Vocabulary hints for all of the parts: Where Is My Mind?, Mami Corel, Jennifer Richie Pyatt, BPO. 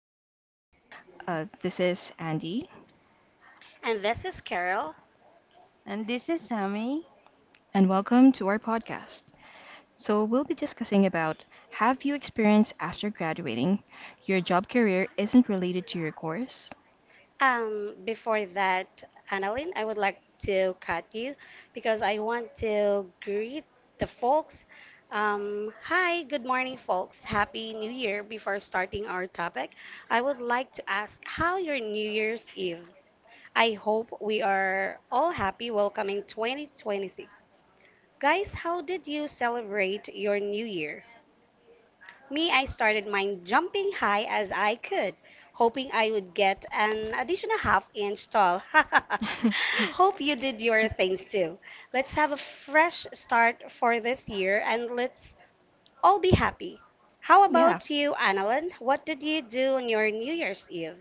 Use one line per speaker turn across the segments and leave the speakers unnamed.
Hi, everyone. This is Andy,
And this is Carol.
And this is Sammy.
and welcome to our podcast. We'll be discussing about have you experienced after graduating your job career isn't related to your course?
Before that, Annalyn, I would like to cut you because I want to greet the folks. Hi, good morning, folks. Happy New Year. Before starting our topic, I would like to ask how your New Year's Eve. I hope we are all happy welcoming 2026. Guys, how did you celebrate your New Year? Me, I started mine jumping high as I could, hoping I would get an additional half inch tall. Hope you did your things too. Let's have a fresh start for this year and let's all be happy. How
Yeah,
about you, Annalyn? What did you do on your New Year's Eve?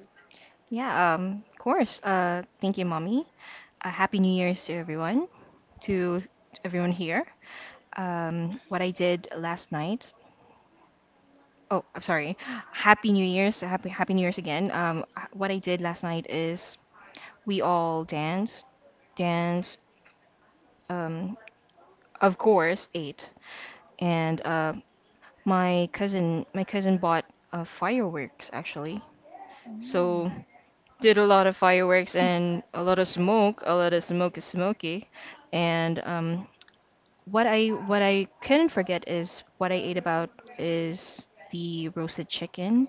yeah, of course. Thank you, Mommy. Happy New Year's to everyone here. What I did last night Oh, I'm sorry. Happy New Year's. Happy New Year's again. What I did last night is we all danced, danced. Um, of course, ate, and my cousin bought fireworks actually. So did a lot of fireworks and a lot of smoke. A lot of smoke is smoky, and what I couldn't forget is what I ate about is the roasted chicken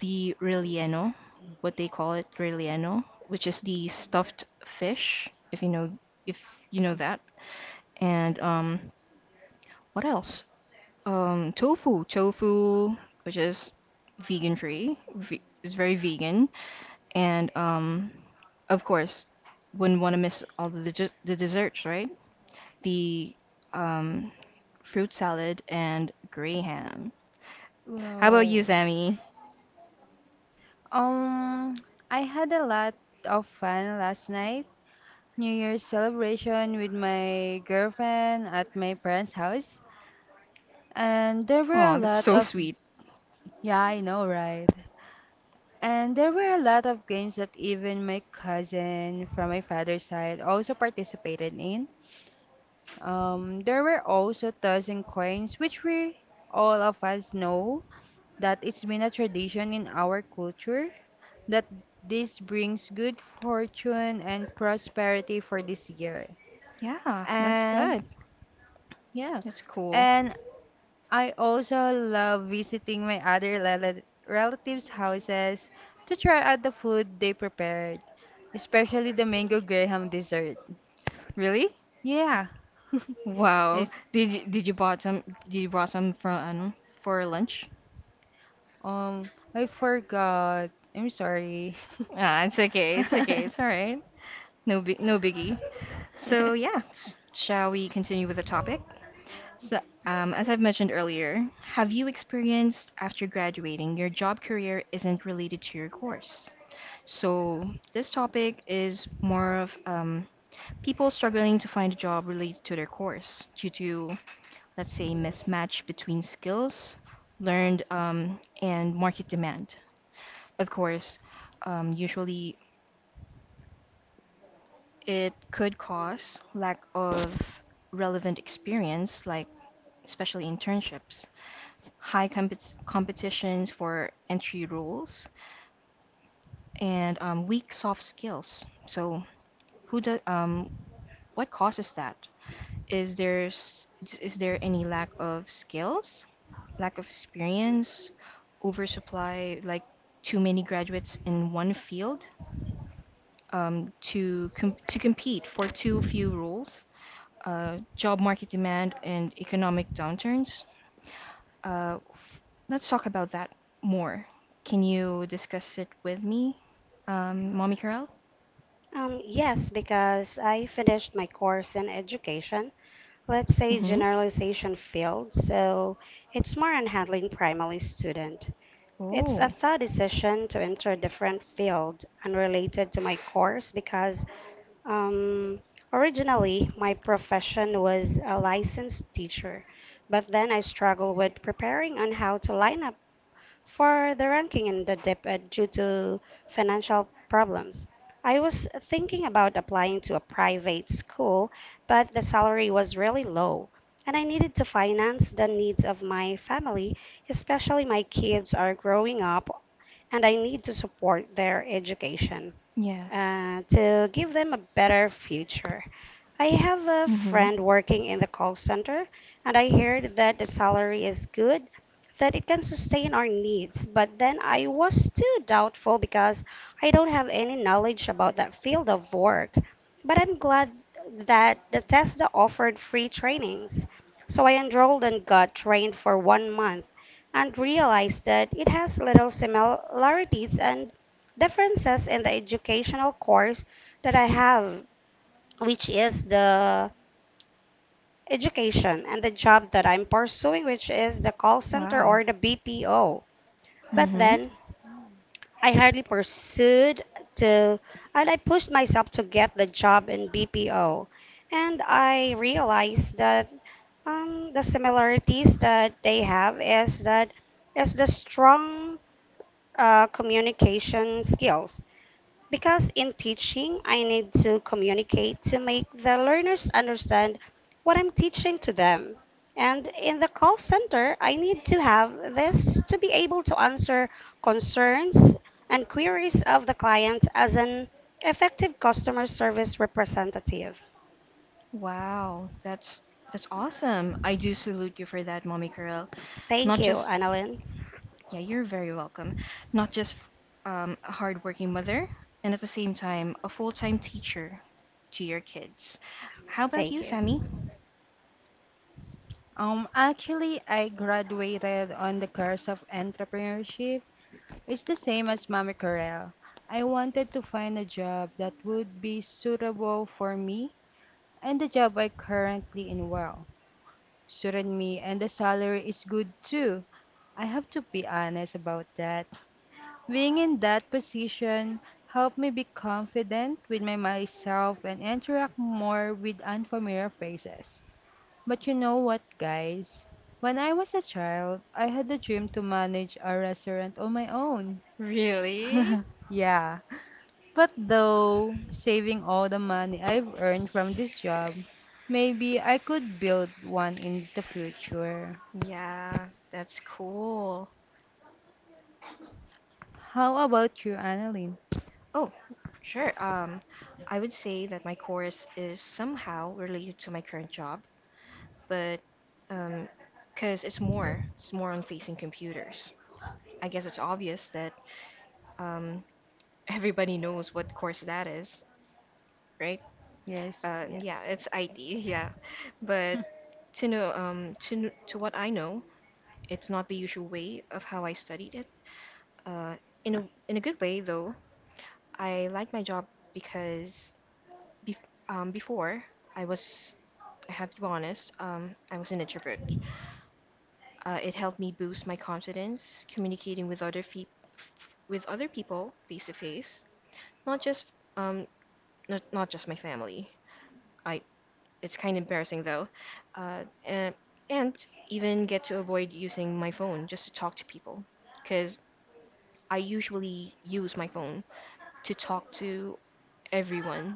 the relleno, what they call it, relleno, which is the stuffed fish, if you know that. And what else? Tofu, which is vegan free, is very vegan. And of course, wouldn't want to miss all the the desserts, right? The um, fruit salad and gray ham. How about you,
Well,
Sammy?
um, I had a lot of fun last night. New Year's celebration with my girlfriend at my parents' house. And there were
Oh,
a
that's
lot
so
of,
sweet.
yeah, I know, right? And there were a lot of games that even my cousin from my father's side also participated in. There were also tossing coins, which we all of us know that it's been a tradition in our culture, that this brings good fortune and prosperity for this year.
Yeah, that's
And
good.
yeah,
That's cool.
and I also love visiting my other relatives' houses to try out the food they prepared, especially the mango graham dessert.
Really?
Yeah.
Wow.
It's,
Did you brought some from ano, for lunch?
I forgot. I'm sorry.
Ah, it's okay. It's okay. It's all right. No biggie. So yeah, shall we continue with the topic? So, as I've mentioned earlier, have you experienced after graduating your job career isn't related to your course? So this topic is more of people struggling to find a job related to their course due to let's say, mismatch between skills learned and market demand. Of course, usually it could cause lack of relevant experience, like especially internships, high compet competitions for entry roles, and weak soft skills. So, who does what causes that? Is there s- is there any lack of skills? Lack of experience, oversupply, like too many graduates in one field to compete for too few roles, job market demand and economic downturns. Uh, let's talk about that more. Can you discuss it with me, Mommy Carell?
Yes, because I finished my course in education, let's say
Mm-hmm.
generalization field, so it's more on handling primary student. It's a
Oh,
tough decision to enter a different field unrelated to my course because um, originally my profession was a licensed teacher, but then I struggled with preparing on how to line up for the ranking in the dip due to financial problems. I was thinking about applying to a private school, but the salary was really low, and I needed to finance the needs of my family, especially my kids are growing up and I need to support their education
yes.
to give them a better future. I have a
Mm-hmm.
friend working in the call center, and I heard that the salary is good, that it can sustain our needs. But then I was too doubtful because I don't have any knowledge about that field of work. But I'm glad that the Tesla offered free trainings. So I enrolled and got trained for 1 month and realized that it has little similarities and differences in the educational course that I have, which is the education and the job that I'm pursuing, which is the call center
Wow.
or the BPO. But
Mm-hmm.
then I hardly pursued to, and I pushed myself to get the job in BPO. And I realized that the similarities that they have is that is the strong communication skills. Because in teaching, I need to communicate to make the learners understand what I'm teaching to them. And in the call center, I need to have this to be able to answer concerns and queries of the client as an effective customer service representative.
Wow. That's awesome. I do salute you for that, Mommy Carell.
Thank
Not
you,
just
Annalyn.
Yeah, you're very welcome. Not just a hardworking mother, and at the same time, a full time teacher to your kids. How about
Thank
you,
you.
Sammy?
Actually, I graduated on the course of entrepreneurship. It's the same as Mami Corel. I wanted to find a job that would be suitable for me, and the job I currently in well suited me, and the salary is good too. I have to be honest about that. Being in that position helped me be confident with my myself and interact more with unfamiliar faces. But you know what, guys? When I was a child, I had a dream to manage a restaurant on my own.
Really?
Yeah. But though saving all the money I've earned from this job, maybe I could build one in the future.
Yeah, that's cool.
How about you, Annalyn?
Oh, sure. I would say that my course is somehow related to my current job, but um, because it's more on facing computers. I guess it's obvious that um, everybody knows what course that is, right?
Yes,
Yeah,
yes,
it's IT, yeah. But to know, to what I know, it's not the usual way of how I studied it. Uh, in a in a good way though, I like my job because bef before I was, I have to be honest, I was an introvert. It helped me boost my confidence, communicating with other fe f with other people face to face, not just um, not just my family. I It's kind of embarrassing though. Uh, and, and even get to avoid using my phone just to talk to people. Because I usually use my phone to talk to everyone,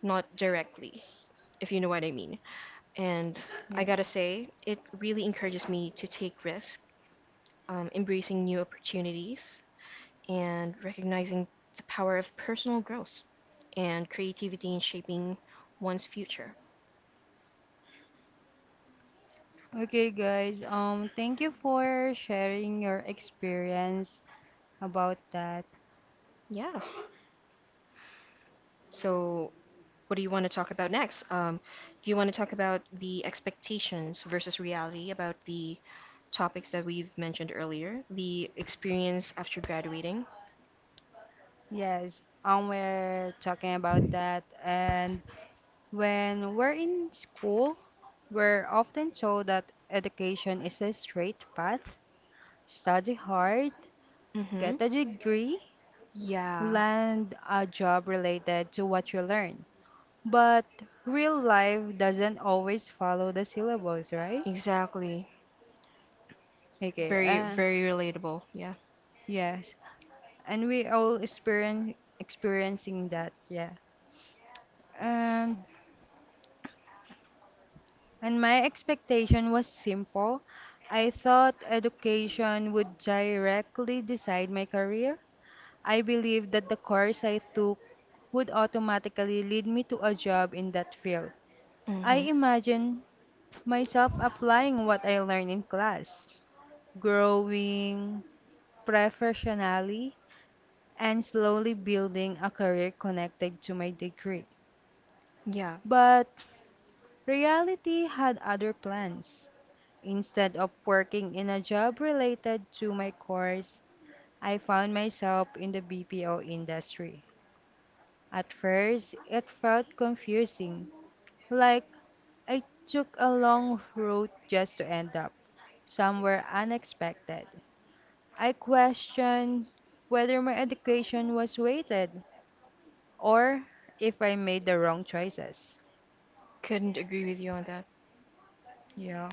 not directly, if you know what I mean. And I gotta
yes.
say, it really encourages me to take risks, embracing new opportunities, and recognizing the power of personal growth and creativity in shaping one's future.
Okay, guys. Thank you for sharing your experience about that.
Yeah. So what do you want to talk about next? Do you want to talk about the expectations versus reality, about the topics that we've mentioned earlier, the experience after graduating?
Yes, we're talking about that. And when we're in school, we're often told that education is a straight path. Study hard,
Mm-hmm.
get a degree,
Yeah,
land a job related to what you learn. But real life doesn't always follow the syllabus, right?
exactly.
Okay,
Very,
uh,
very relatable. Yeah.
yes. And we all experience experiencing that, yeah. And And my expectation was simple. I thought education would directly decide my career. I believed that the course I took would automatically lead me to a job in that field. I
Mm-hmm.
imagined myself applying what I learned in class, growing professionally, and slowly building a career connected to my degree.
Yeah.
But reality had other plans. Instead of working in a job related to my course, I found myself in the BPO industry. At first, it felt confusing, like I took a long road just to end up somewhere unexpected. I questioned whether my education was weighted or if I made the wrong choices.
Couldn't agree with you on that.
Yeah.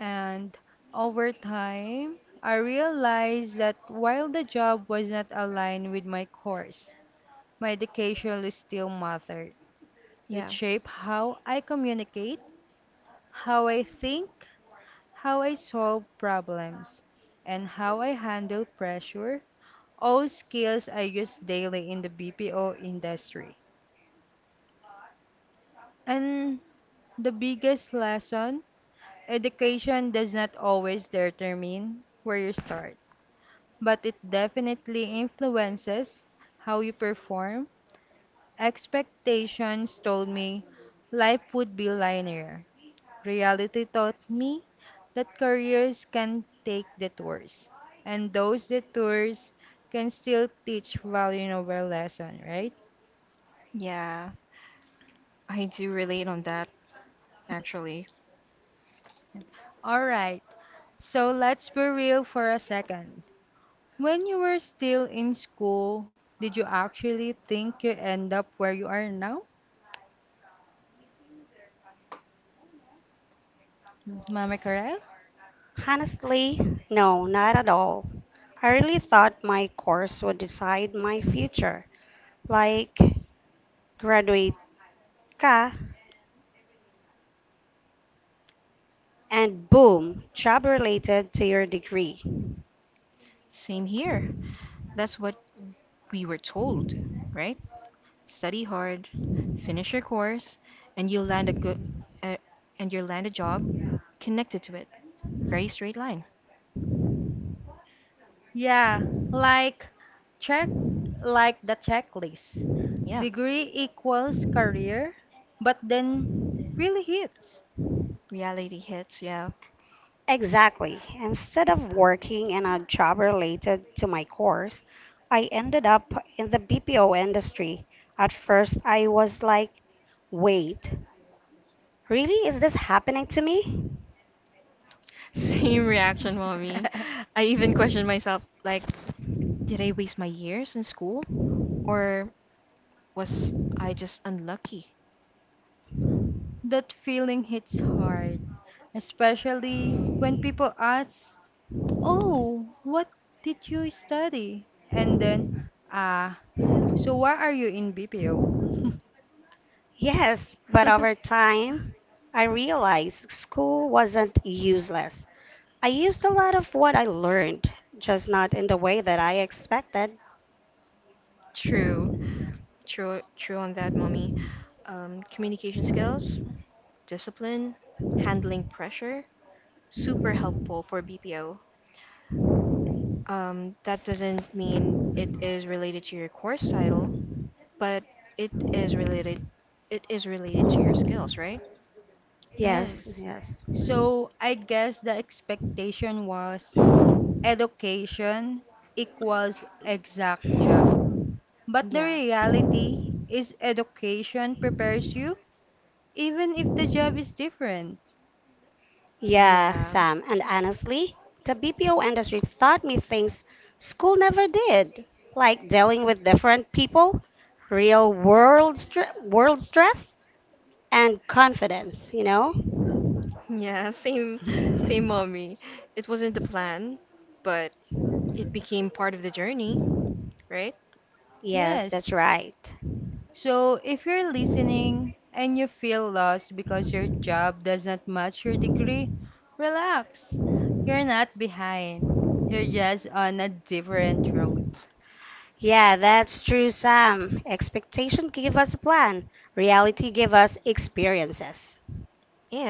And over time, I realized that while the job was not aligned with my course, my education still mattered. It
Yeah.
shaped how I communicate, how I think, how I solve problems, and how I handle pressure, all skills I use daily in the BPO industry. And the biggest lesson, education does not always determine where you start, but it definitely influences how you perform. Expectations told me life would be linear. Reality taught me that careers can take detours, and those detours can still teach value over lesson, right?
Yeah. I do relate on that, actually.
All right, so let's be real for a second. When you were still in school, did you actually think you end up where you are now, Mama Karel?
Honestly, no, not at all. I really thought my course would decide my future, like graduate ka, and boom, job related to your degree.
Same here. That's what we were told, right? Study hard, finish your course, and you'll land a good uh, and you'll land a job connected to it. Very straight line.
Yeah, like check, like the checklist.
Yeah.
Degree equals career, but then really hits.
Reality hits, yeah.
Exactly. Instead of working in a job related to my course, I ended up in the BPO industry. At first, I was like, wait, really? Is this happening to me?
Same reaction, mommy. I even questioned myself, like, did I waste my years in school? Or was I just unlucky?
That feeling hits hard, especially when people ask, "Oh, what did you study?" And then, "Ah, so why are you in BPO?"
Yes, but over time, I realized school wasn't useless. I used a lot of what I learned, just not in the way that I expected.
True. True on that, mommy. Communication skills, discipline, handling pressure, super helpful for BPO. That doesn't mean it is related to your course title, but it is related it is related to your skills, right?
Yes,
Yes.
yes.
So I guess the expectation was education equals exact job. But the
Yeah.
reality is education prepares you even if the job is different.
Yeah,
Yeah.
Sam, and honestly, the BPO industry taught me things school never did, like dealing with different people, world stress, and confidence, you know?
Yeah, same mommy. It wasn't the plan, but it became part of the journey, right?
Yes,
Yes.
that's right.
So if you're listening and you feel lost because your job does not match your degree, relax. You're not behind. You're just on a different road.
Yeah, that's true, Sam. Expectation give us a plan, reality give us experiences.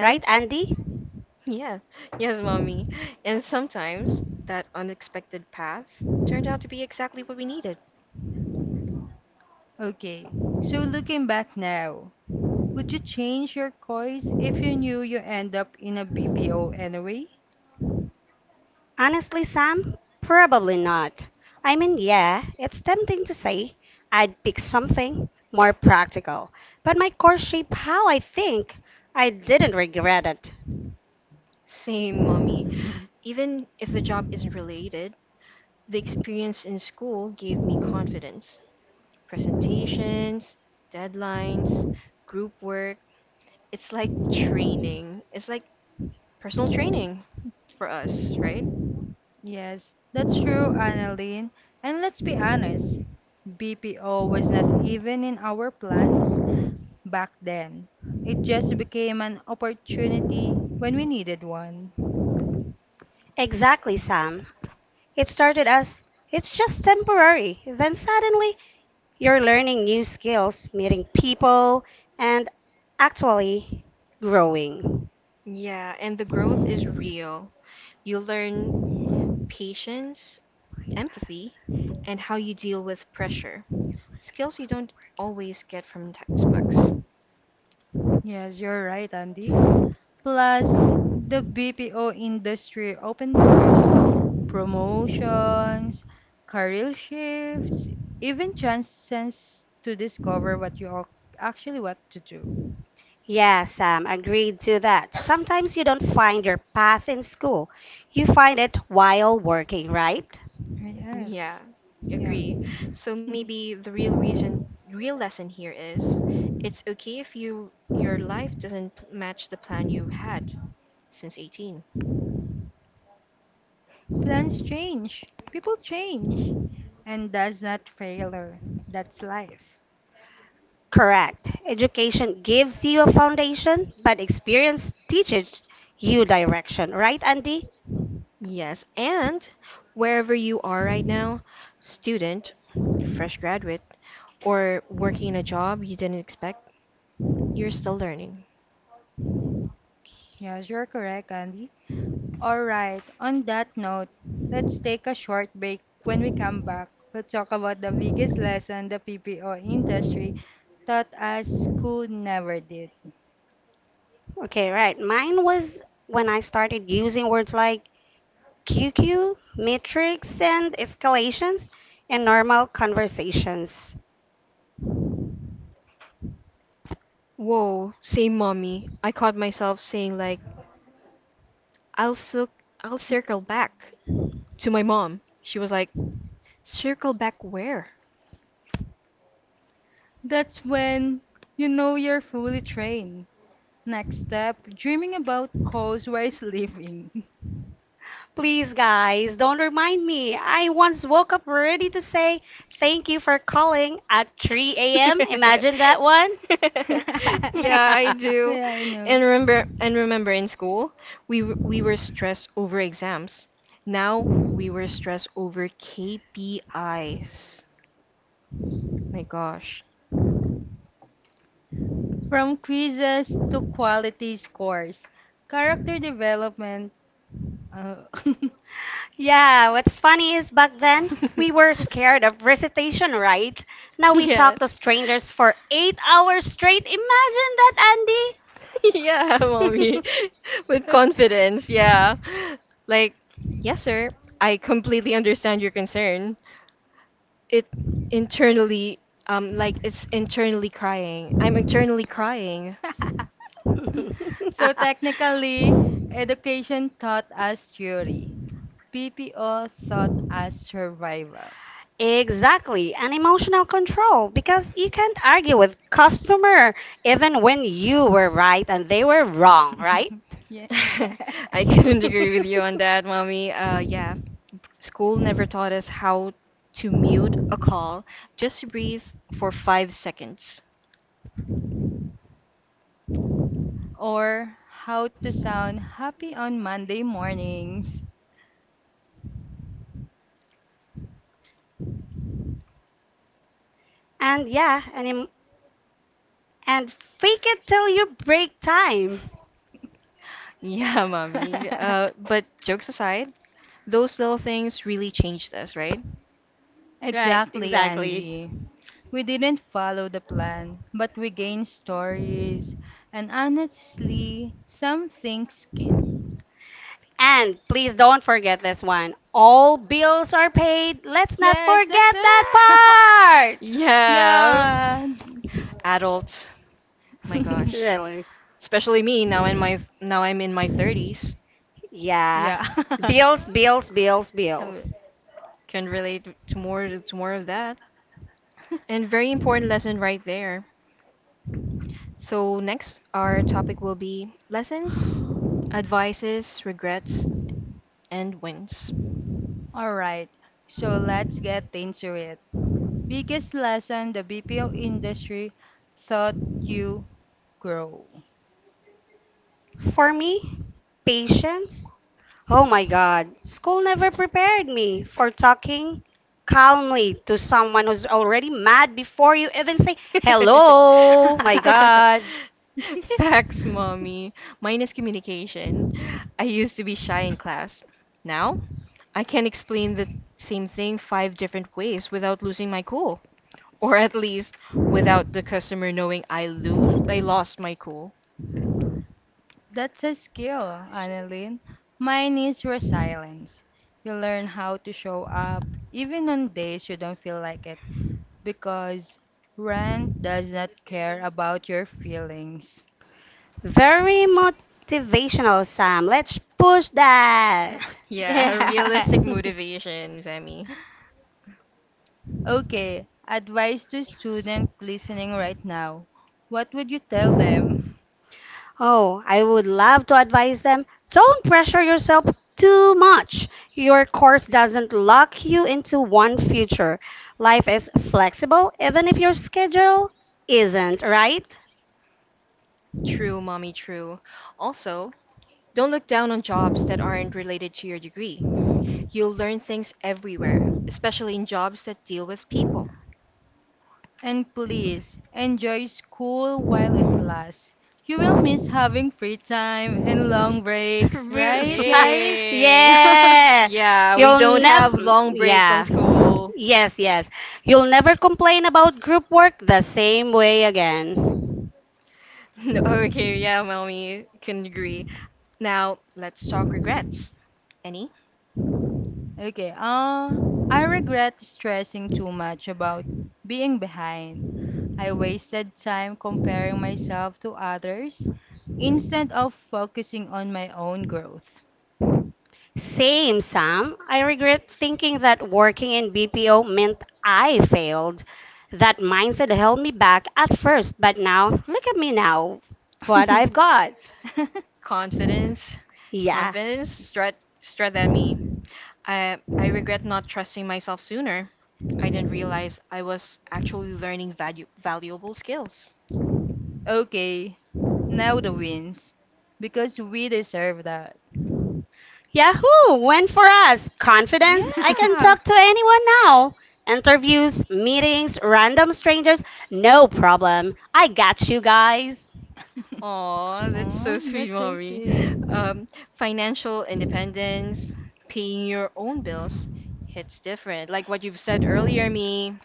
Right, Andy?
yeah, yes, mommy. And sometimes that unexpected path turned out to be exactly what we needed.
Okay. So looking back now, would you change your course if you knew you end up in a BPO anyway?
Honestly, Sam, probably not. I mean, yeah, it's tempting to say I'd pick something more practical, but my course shaped how I think. I didn't regret it.
Same mommy. Even if the job isn't related, the experience in school gave me confidence. Presentations, deadlines, group work. It's like training. It's like personal training for us, right?
Yes, that's true, Annalene. And let's be honest, BPO was not even in our plans back then. It just became an opportunity when we needed one.
Exactly, Sam. It started as it's just temporary, then suddenly you're learning new skills, meeting people, and actually growing.
Yeah, and the growth is real. You learn patience, empathy, and how you deal with pressure. Skills you don't always get from
Yes, you're right, Andy. Plus, the BPO industry opened doors, promotions, career shifts, even chances to discover what you are actually want to do.
Yeah, Sam, agreed to that. Sometimes you don't find your path in school. You find it while working, right?
Yeah,
Yes. Yeah.
agree. So maybe the real reason, Real lesson here is it's okay if your life doesn't p- match the plan you had since 18.
Plans change, people change, and that's not failure, that's life.
Correct. Education gives you a foundation, but experience teaches you direction, right, Andy?
Yes, and wherever you are right now, student, fresh graduate, or working in a job you didn't expect, you're still learning.
Yes, you're correct, Andy. All right, on that note, let's take a short break. When we come back, we'll talk about the biggest lesson the PPO industry taught us school never did.
Okay, right. Mine was when I started using words like QQ, matrix, and escalations in normal conversations.
Whoa, same mommy. I caught myself saying like I'll cir- I'll circle back to my mom. She was like, "Circle back where?"
That's when you know you're fully trained. Next step, dreaming about calls while sleeping.
Please, guys, don't remind me. I once woke up ready to say thank you for calling at 3 a.m. Imagine that one.
Yeah, I do.
Yeah, I know.
And remember in school, we were stressed over exams. Now we were stressed over KPIs. My gosh.
From quizzes to quality scores, character development. uh,
Yeah, what's funny is back then we were scared of recitation, right? Now we
Yeah.
talk to strangers for 8 hours straight. Imagine that,
Yeah,
Andy.
mommy. With confidence, yeah. Like, yes, sir. I completely understand your concern. It internally, like it's internally crying. I'm internally crying.
so technically, education taught us theory, PPO taught us survival.
Exactly, and emotional control because you can't argue with customer even when you were right and they were wrong, right?
Yeah.
I couldn't agree with you on that, mommy. Yeah. School never taught us how to mute a call. Just breathe for 5 seconds.
Or how to sound happy on Monday mornings.
And yeah, and em- and fake it till you break time.
Yeah, mommy. But jokes aside, those little things really changed us, right?
Right,
Exactly,
exactly.
Andy. We didn't follow the plan, but we gained stories and honestly, some things skin.
And please don't forget this one. All bills are paid. Let's not
Yes, that's
forget that
right.
part.
Yeah.
Yeah.
Adults. My gosh.
Really.
Especially me now in my now I'm in my 30s.
Yeah.
Yeah.
Bills, bills, bills,
Uh,
bills.
Can relate to more of that. And very important lesson right there. So next our topic will be lessons, advices, regrets, and wins.
All right. So let's get into it. Biggest lesson the BPO industry thought you grow.
For me, patience. Oh my God, school never prepared me for talking calmly to someone who's already mad before you even say hello. My God.
Facts, mommy. Mine is communication. I used to be shy in class. Now, I can explain the same thing five different ways without losing my cool, or at least without the customer knowing I lost my cool.
That's a skill, Annalyn. Mine is resilience. You learn how to show up even on days you don't feel like it because Rand does not care about your feelings.
Very motivational, Sam. Let's push that.
Yeah,
Yeah.
realistic motivation, Sammy.
Okay, advice to student listening right now. What would you tell them?
Oh, I would love to advise them. Don't pressure yourself too much. Your course doesn't lock you into one future. Life is flexible, even if your schedule isn't, right?
True, mommy, true. Also, don't look down on jobs that aren't related to your degree. You'll learn things everywhere, especially in jobs that deal with people.
And please enjoy school while it lasts. You will miss having free time and long breaks, right, guys?
Hey.
yeah.
Yeah, we
You'll
don't have
never,
long breaks on
yeah.
school.
Yes, yes. You'll never complain about group work the same way again.
No, okay, yeah, mommy can agree. Now, let's talk regrets. Any?
Okay, uh, I regret stressing too much about being behind. I wasted time comparing myself to others instead of focusing on my own growth.
Same, Sam. I regret thinking that working in BPO meant I failed. That mindset held me back at first, but now, look at me now, what I've got.
Confidence.
Yeah.
Confidence. Strut at me. I regret not trusting myself sooner. I didn't realize I was actually learning valuable skills.
Okay, now the wins because we deserve that.
Yahoo! Win for us. Confidence. I can
Yeah.
talk to anyone now. Interviews, meetings, random strangers. No problem. I got you guys.
Aw, that's so
Oh,
sweet,
that's so
mommy.
sweet.
Um, Financial independence, paying your own bills, it's different. Like what you've said earlier, me,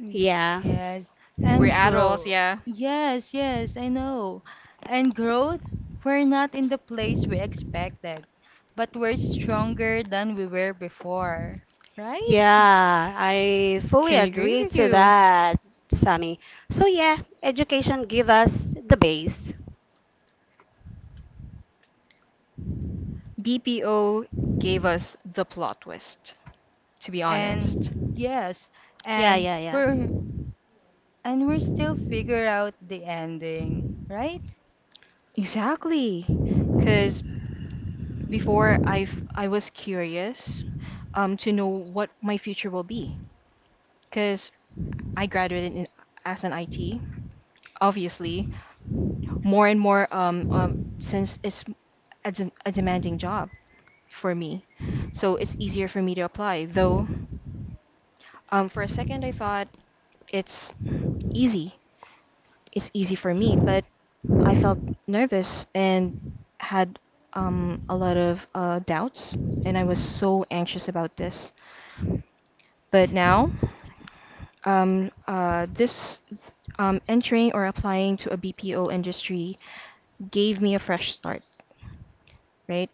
Mm.
Yeah.
Yes,
we're
and
adults,
growth.
yeah.
Yes, yes, I know. And growth, we're not in the place we expected, but we're stronger than we were before, right?
Yeah, I fully
Couldn't agree
agree
with
to
you.
that, Sammy. So yeah, education give us the base.
BPO gave us the plot twist, to be
And
honest.
Yes,
Yeah,
and
yeah, yeah.
we're and we're still figure out the ending, right?
Exactly. Because I was curious to know what my future will be. Because I graduated in, as an IT, obviously. More and more since it's a demanding job for me, so it's easier for me to apply though. For a second I thought it's easy it's easy for me, but I felt nervous and had a lot of doubts, and I was so anxious about this. But now, this entering or applying to a BPO industry gave me a fresh start, right?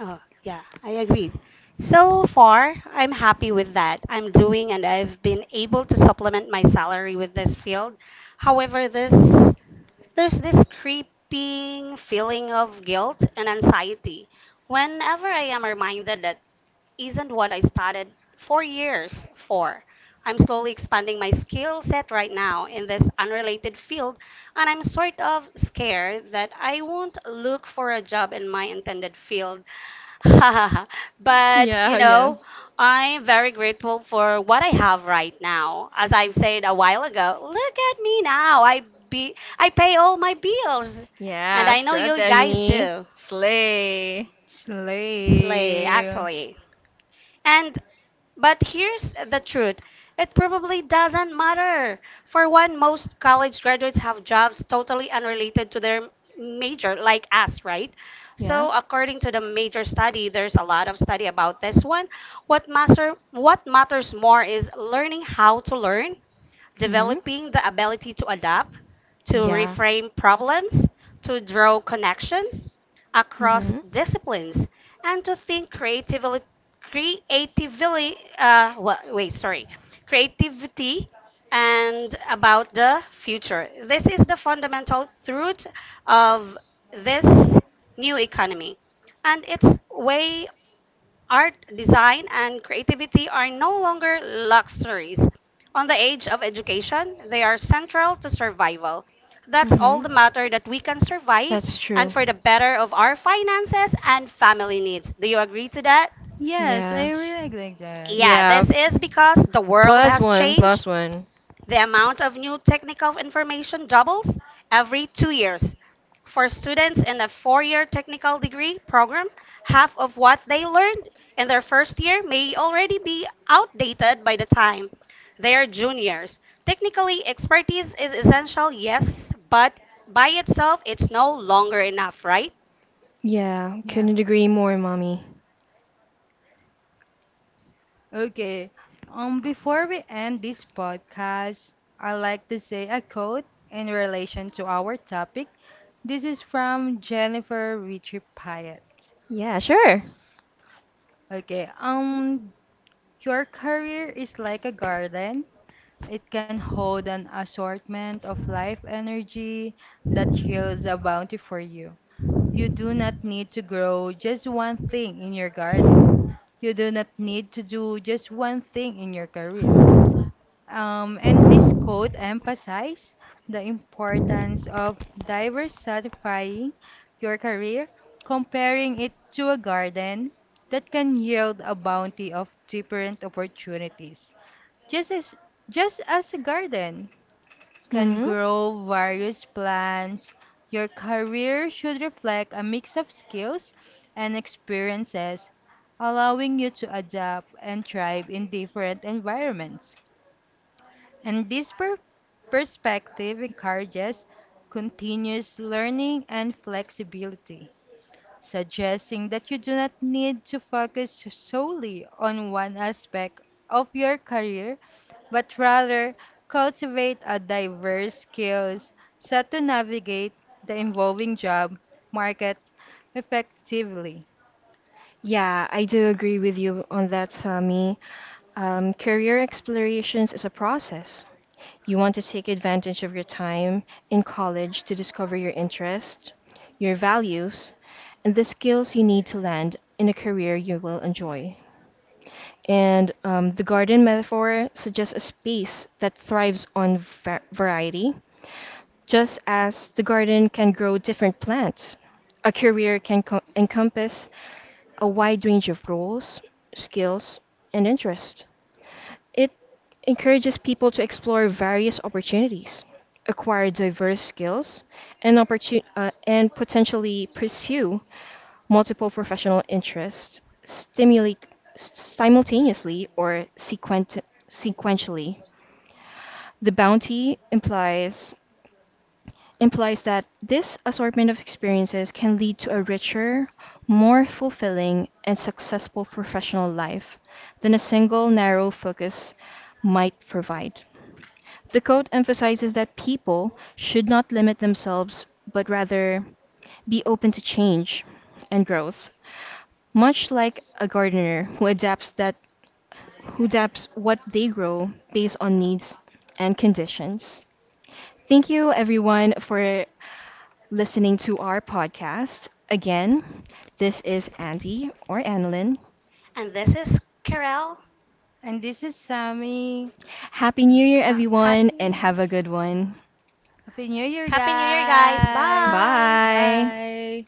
Oh, yeah, I agree. So far, I'm happy with that. I'm doing and I've been able to supplement my salary with this field. However, this there's this creeping feeling of guilt and anxiety whenever I am reminded that isn't what I started 4 years for. I'm slowly expanding my skill set right now in this unrelated field, and I'm sort of scared that I won't look for a job in my intended field. But, you
Yeah, yeah.
know, I'm very grateful for what I have right now. As I've said a while ago, look at me now. I pay all my bills. And
Yeah,
I know you guys
strategy,
do.
slay.
Slay,
Slay.
actually. And but here's the truth. It probably doesn't matter. For one, most college graduates have jobs totally unrelated to their major, like us, right?
Yeah.
So according to the major study, there's a lot of study about this one. What matters more is learning how to learn
Mhm.
developing the ability to adapt, to
Yeah.
reframe problems, to draw connections across
Mhm.
disciplines, and to think creatively, creatively uh, wa- wait, sorry, creativity and about the future. This is the fundamental truth of this new economy. And it's way Art, design, and creativity are no longer luxuries. On the age of education, they are central to survival. That's all
Mhm.
the matter that we can survive
That's
and
true.
for the better of our finances and family needs. Do you agree to that?
Yes, I
Yes.
really like that.
Yeah,
Yeah.
this is because the world
Plus
has
one,
changed
plus one.
the amount of new technical information doubles every 2 years. For students in a 4 year technical degree program, half of what they learned in their first year may already be outdated by the time they are juniors. Technically, expertise is essential, yes, but by itself, it's no longer enough, right?
Yeah,
Yeah.
couldn't agree more, mommy.
Okay. Before we end this podcast, I like to say a quote in relation to our topic. This is from Jennifer Richie Pyatt.
Yeah, sure.
Okay. Your career is like a garden. It can hold an assortment of life energy that yields a bounty for you. You do not need to grow just one thing in your garden. You do not need to do just one thing in your career. And this code emphasized the importance of diversifying your career, comparing it to a garden that can yield a bounty of different opportunities. Just as, just as a garden can
Hmm.
grow various plants, your career should reflect a mix of skills and experiences, allowing you to adapt and thrive in different environments. And this perspective encourages continuous learning and flexibility, suggesting that you do not need to focus solely on one aspect of your career, but rather cultivate a diverse skills set to navigate the evolving job market effectively.
Yeah, I do agree with you on that, Sami. Career explorations is a process. You want to take advantage of your time in college to discover your interests, your values, and the skills you need to land in a career you will enjoy. And the garden metaphor suggests a space that thrives on variety, just as the garden can grow different plants. A career can encompass a wide range of roles, skills, and interests. It encourages people to explore various opportunities, acquire diverse skills, and, and potentially pursue multiple professional interests stimulate simultaneously or sequentially. The bounty implies that this assortment of experiences can lead to a richer, more fulfilling, and successful professional life than a single narrow focus might provide. The code emphasizes that people should not limit themselves, but rather be open to change and growth, much like a gardener who adapts that
And this is Karel.
And this is Sammy. Ha-
Happy New Year.
Happy New Year,
Happy New Year, guys.
guys!
Bye.
Bye!